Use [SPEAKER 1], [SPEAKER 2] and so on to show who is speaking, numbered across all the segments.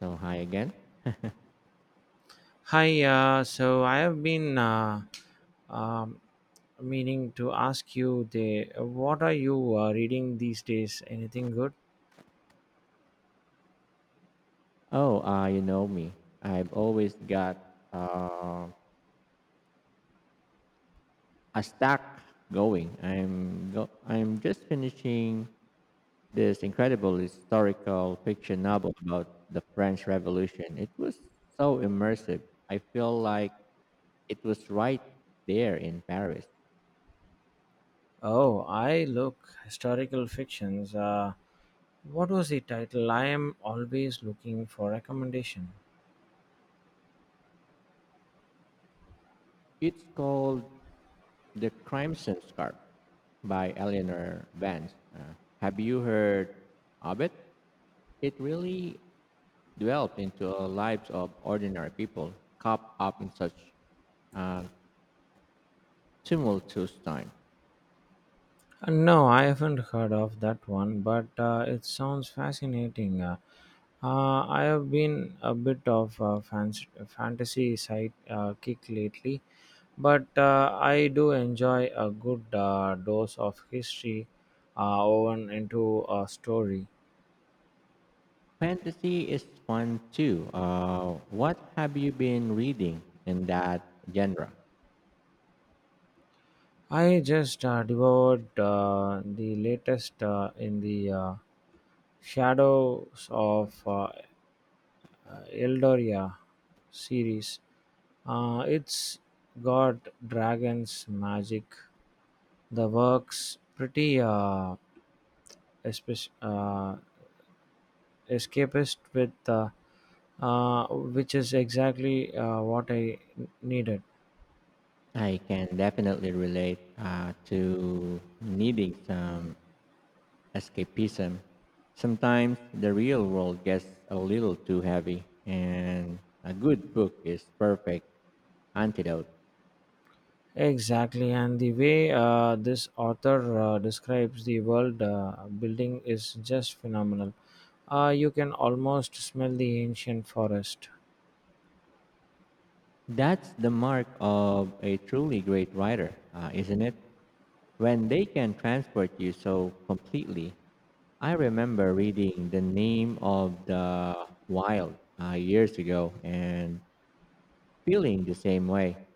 [SPEAKER 1] So hi again.
[SPEAKER 2] Hi, so I have been um, meaning to ask you the what are you reading these days? Anything good?
[SPEAKER 1] Oh, you know me. I've always got uh, a stack going. I'm just finishing this incredible historical fiction novel about the French Revolution. It was so immersive. I feel like it was right there in Paris.
[SPEAKER 2] Oh, I look historical fictions. What was the title? I am always looking for recommendation.
[SPEAKER 1] It's called The Crimson Scarf by Eleanor Vance. Have you heard of it? It really dwelt into the lives of ordinary people caught up in such a tumultuous time.
[SPEAKER 2] No, I haven't heard of that one, but it sounds fascinating. I have been a bit of a fantasy side kick lately, but I do enjoy a good dose of history woven into a story.
[SPEAKER 1] Fantasy is fun too. What have you been reading in that genre?
[SPEAKER 2] I just devoured the latest in the shadows of Eldoria series. It's got dragons, magic, the works, pretty espec- uh, escapist with which is exactly what I needed.
[SPEAKER 1] I can definitely relate to needing some escapism. Sometimes the real world gets a little too heavy, and a good book is perfect antidote.
[SPEAKER 2] Exactly, and the way this author describes the world building is just phenomenal. You can almost smell the ancient forest.
[SPEAKER 1] That's the mark of a truly great writer, isn't it? When they can transport you so completely. I remember reading The Name of the Wild years ago and feeling the same way.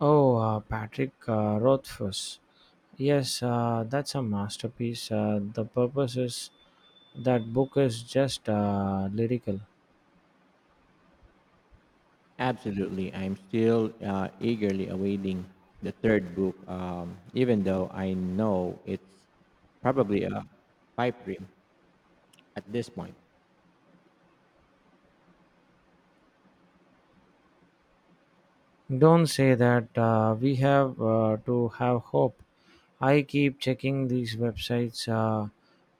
[SPEAKER 2] Oh, Patrick Rothfuss. Yes, that's a masterpiece. The purpose is that book is just lyrical.
[SPEAKER 1] Absolutely, I'm still eagerly awaiting the third book, even though I know it's probably a pipe dream at this point.
[SPEAKER 2] Don't say that we have to have hope. I keep checking these websites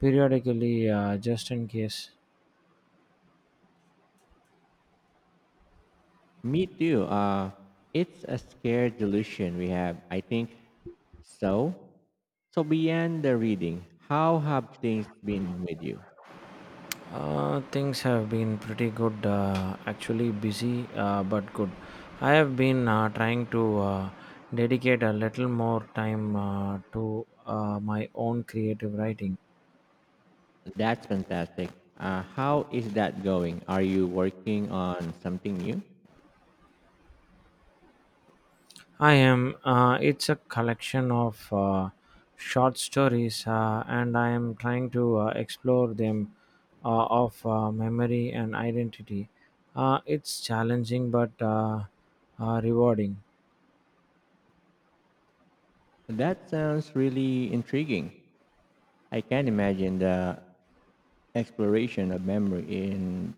[SPEAKER 2] periodically just in case.
[SPEAKER 1] Me too. It's a scare delusion we have, I think. So, so beyond the reading, how have things been with you?
[SPEAKER 2] Things have been pretty good, actually busy, but good. I have been trying to dedicate a little more time to my own creative writing.
[SPEAKER 1] That's fantastic. How is that going? Are you working on something new?
[SPEAKER 2] I am, it's a collection of short stories, and I am trying to explore them of memory and identity. It's challenging but rewarding.
[SPEAKER 1] That sounds really intriguing. I can imagine the exploration of memory in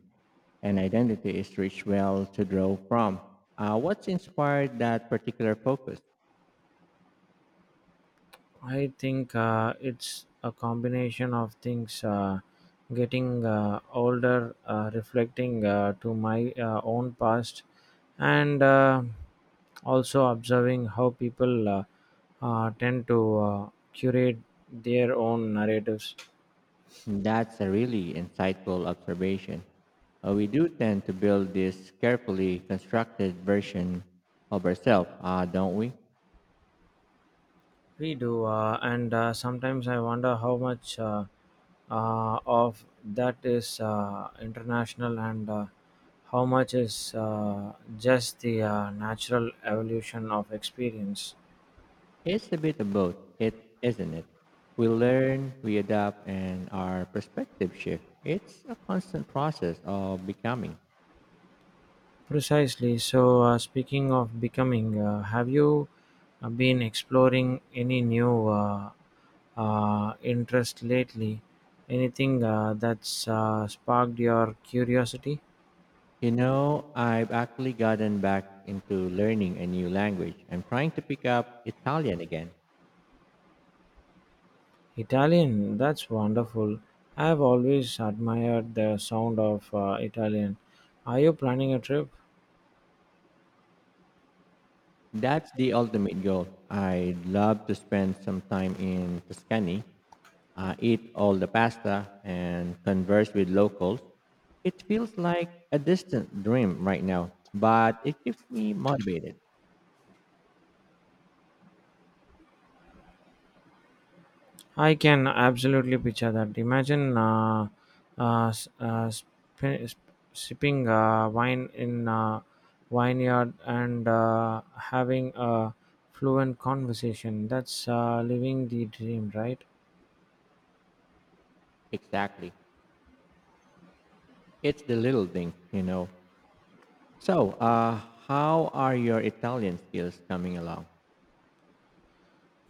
[SPEAKER 1] an identity is rich well to draw from. What's inspired that particular focus?
[SPEAKER 2] I think it's a combination of things. Getting older, reflecting to my own past, and also observing how people tend to curate their own narratives.
[SPEAKER 1] That's a really insightful observation. We do tend to build this carefully constructed version of ourselves, don't we?
[SPEAKER 2] We do, and sometimes I wonder how much of that is international and how much is just the natural evolution of experience.
[SPEAKER 1] It's a bit of both, it, isn't it? We learn, we adapt, and our perspective shift. It's a constant process of becoming.
[SPEAKER 2] Precisely. So, speaking of becoming, have you been exploring any new interest lately? Anything that's sparked your curiosity?
[SPEAKER 1] You know, I've actually gotten back into learning a new language. I'm trying to pick up Italian again.
[SPEAKER 2] Italian, that's wonderful. I've always admired the sound of Italian. Are you planning a trip?
[SPEAKER 1] That's the ultimate goal. I'd love to spend some time in Tuscany, eat all the pasta, and converse with locals. It feels like a distant dream right now, but it keeps me motivated.
[SPEAKER 2] I can absolutely picture that. Imagine sipping wine in a vineyard and having a fluent conversation. That's living the dream, right?
[SPEAKER 1] Exactly. It's the little thing, you know. So, how are your Italian skills coming along?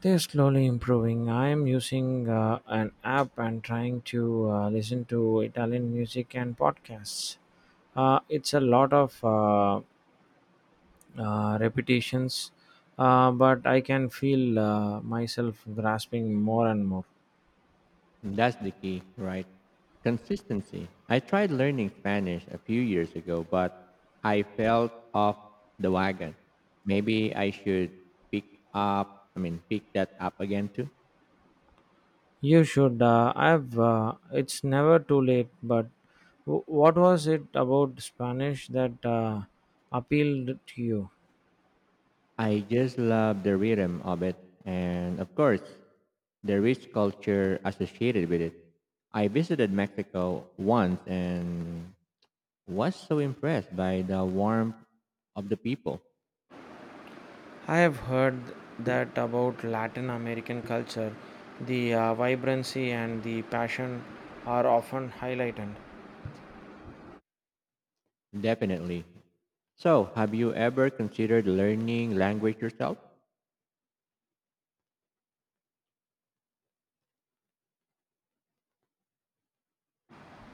[SPEAKER 2] They're slowly improving. I'm using an app and trying to listen to Italian music and podcasts. It's a lot of repetitions, but I can feel myself grasping more and more.
[SPEAKER 1] That's the key, right? Consistency. I tried learning Spanish a few years ago, but I fell off the wagon. Maybe I should pick pick that up again too.
[SPEAKER 2] You should. I've. It's never too late. But what was it about Spanish that appealed to you?
[SPEAKER 1] I just love the rhythm of it and, of course, the rich culture associated with it. I visited Mexico once and was so impressed by the warmth of the people.
[SPEAKER 2] I have heard that about Latin American culture, the vibrancy and the passion are often highlighted.
[SPEAKER 1] Definitely. So, have you ever considered learning language yourself?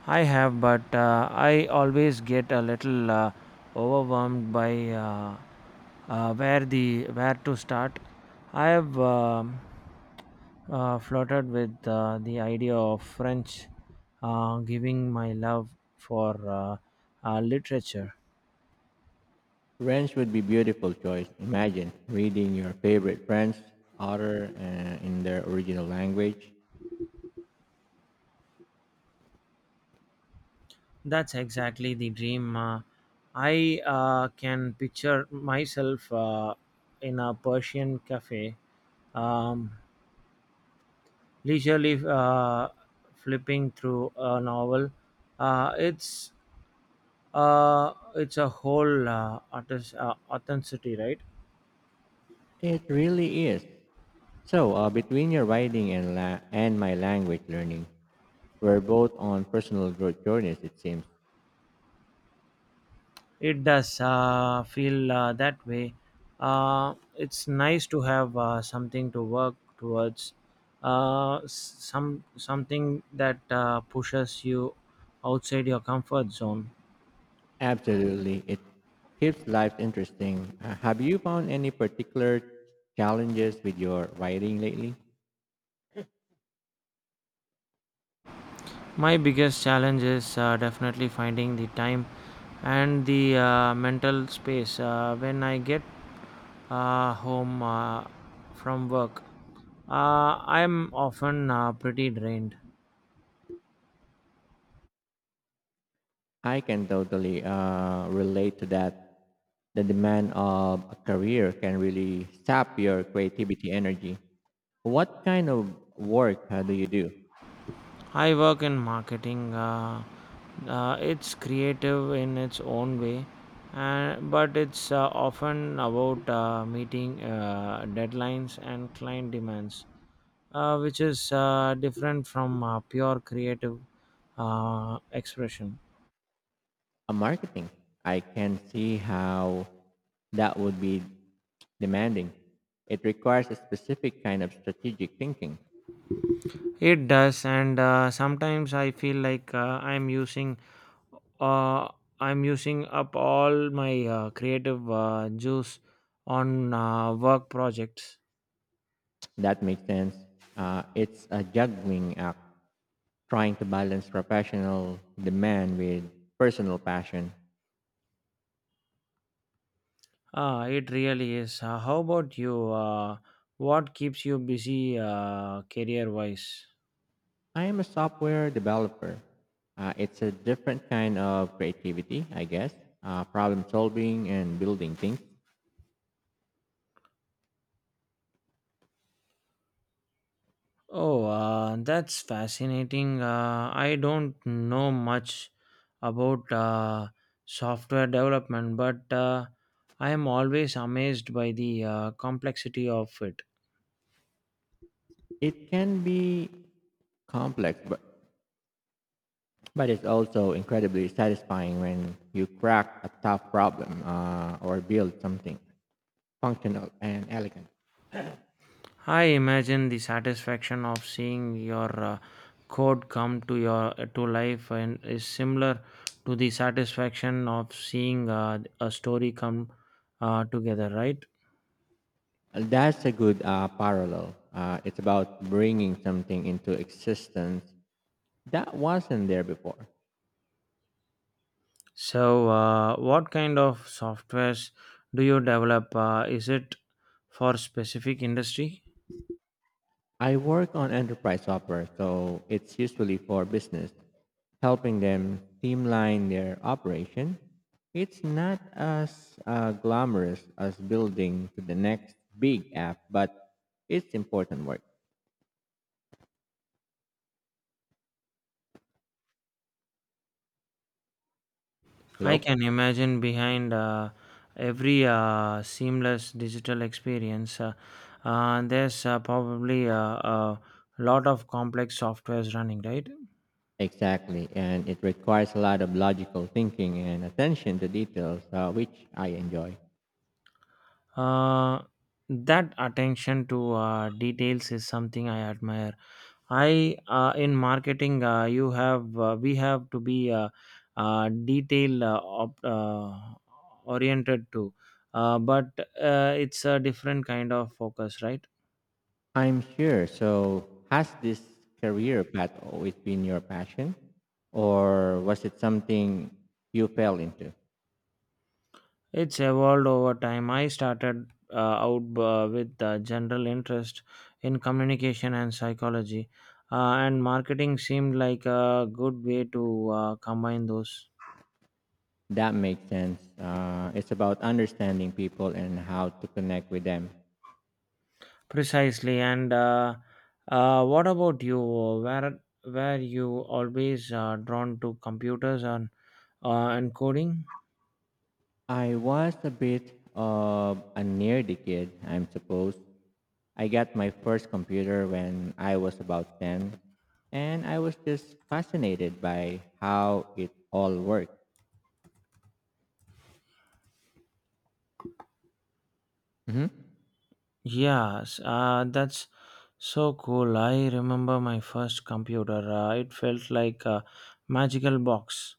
[SPEAKER 2] I have, but I always get a little overwhelmed by where to start. I have flirted with the idea of French, giving my love for literature.
[SPEAKER 1] French would be beautiful choice. Imagine reading your favorite French author in their original language.
[SPEAKER 2] That's exactly the dream. I can picture myself in a Persian cafe, um, leisurely flipping through a novel. Uh, it's it's a whole authenticity, right?
[SPEAKER 1] It really is. So, between your writing and my language learning, we're both on personal growth journeys. It seems.
[SPEAKER 2] It does feel that way. It's nice to have something to work towards, something that pushes you outside your comfort zone.
[SPEAKER 1] Absolutely, it keeps life interesting. Have you found any particular challenges with your writing lately?
[SPEAKER 2] My biggest challenge is definitely finding the time and the mental space. When I get home from work, I'm often pretty drained.
[SPEAKER 1] I can totally relate to that. The demand of a career can really sap your creativity energy. What kind of work do you do?
[SPEAKER 2] I work in marketing. It's creative in its own way, and but it's often about meeting deadlines and client demands, which is different from pure creative expression.
[SPEAKER 1] A marketing. I can see how that would be demanding. It requires a specific kind of strategic thinking.
[SPEAKER 2] It does, and sometimes I feel like uh, I'm using up all my creative juice on work projects.
[SPEAKER 1] That makes sense. It's a juggling act, trying to balance professional demand with personal passion.
[SPEAKER 2] Ah, it really is. How about you? What keeps you busy career wise?
[SPEAKER 1] I am a software developer. It's a different kind of creativity, I guess. Problem solving and building things.
[SPEAKER 2] Oh, that's fascinating. I don't know much about software development, but I am always amazed by the complexity of it.
[SPEAKER 1] It can be complex, but it's also incredibly satisfying when you crack a tough problem or build something functional and elegant.
[SPEAKER 2] I imagine the satisfaction of seeing your code come to your to life and is similar to the satisfaction of seeing a story come together, right?
[SPEAKER 1] That's a good parallel. It's about bringing something into existence that wasn't there before.
[SPEAKER 2] So, what kind of softwares do you develop? Is it for specific industry?
[SPEAKER 1] I work on enterprise software, so it's usually for business, helping them streamline their operation. It's not as glamorous as building to the next big app, but it's important work.
[SPEAKER 2] I can
[SPEAKER 1] Hello?
[SPEAKER 2] imagine behind every seamless digital experience, there's probably a lot of complex softwares running, right?
[SPEAKER 1] Exactly, and it requires a lot of logical thinking and attention to details, which I enjoy.
[SPEAKER 2] Uh, that attention to details is something I admire. I In marketing, you have we have to be uh, detail uh, op- uh, oriented too, but it's a different kind of focus, right?
[SPEAKER 1] I'm sure. So, has this career path always been your passion, or was it something you fell into?
[SPEAKER 2] It's evolved over time. I started out with a general interest in communication and psychology, and marketing seemed like a good way to combine those.
[SPEAKER 1] That makes sense. It's about understanding people and how to connect with them.
[SPEAKER 2] Precisely. And what about you? Where were you always drawn to computers and coding?
[SPEAKER 1] I was a bit of a nerdy kid, I'm supposed. I got my first computer when I was about 10, and I was just fascinated by how it all worked.
[SPEAKER 2] Yes, that's so cool. I remember my first computer. It felt like a magical box.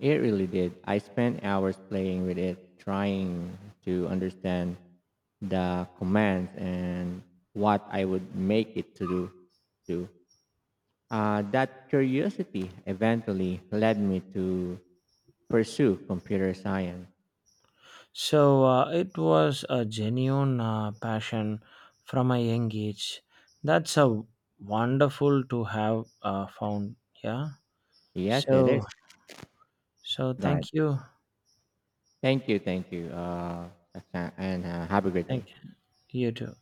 [SPEAKER 1] It really did. I spent hours playing with it, trying to understand the commands and what I would make it to do. That curiosity eventually led me to pursue computer science.
[SPEAKER 2] So it was a genuine passion from a young age. That's a wonderful to have found. Yeah.
[SPEAKER 1] Yes, it
[SPEAKER 2] So
[SPEAKER 1] is. Go ahead.
[SPEAKER 2] thank you.
[SPEAKER 1] Thank you. Saksa, and have a great day.
[SPEAKER 2] Thank you too.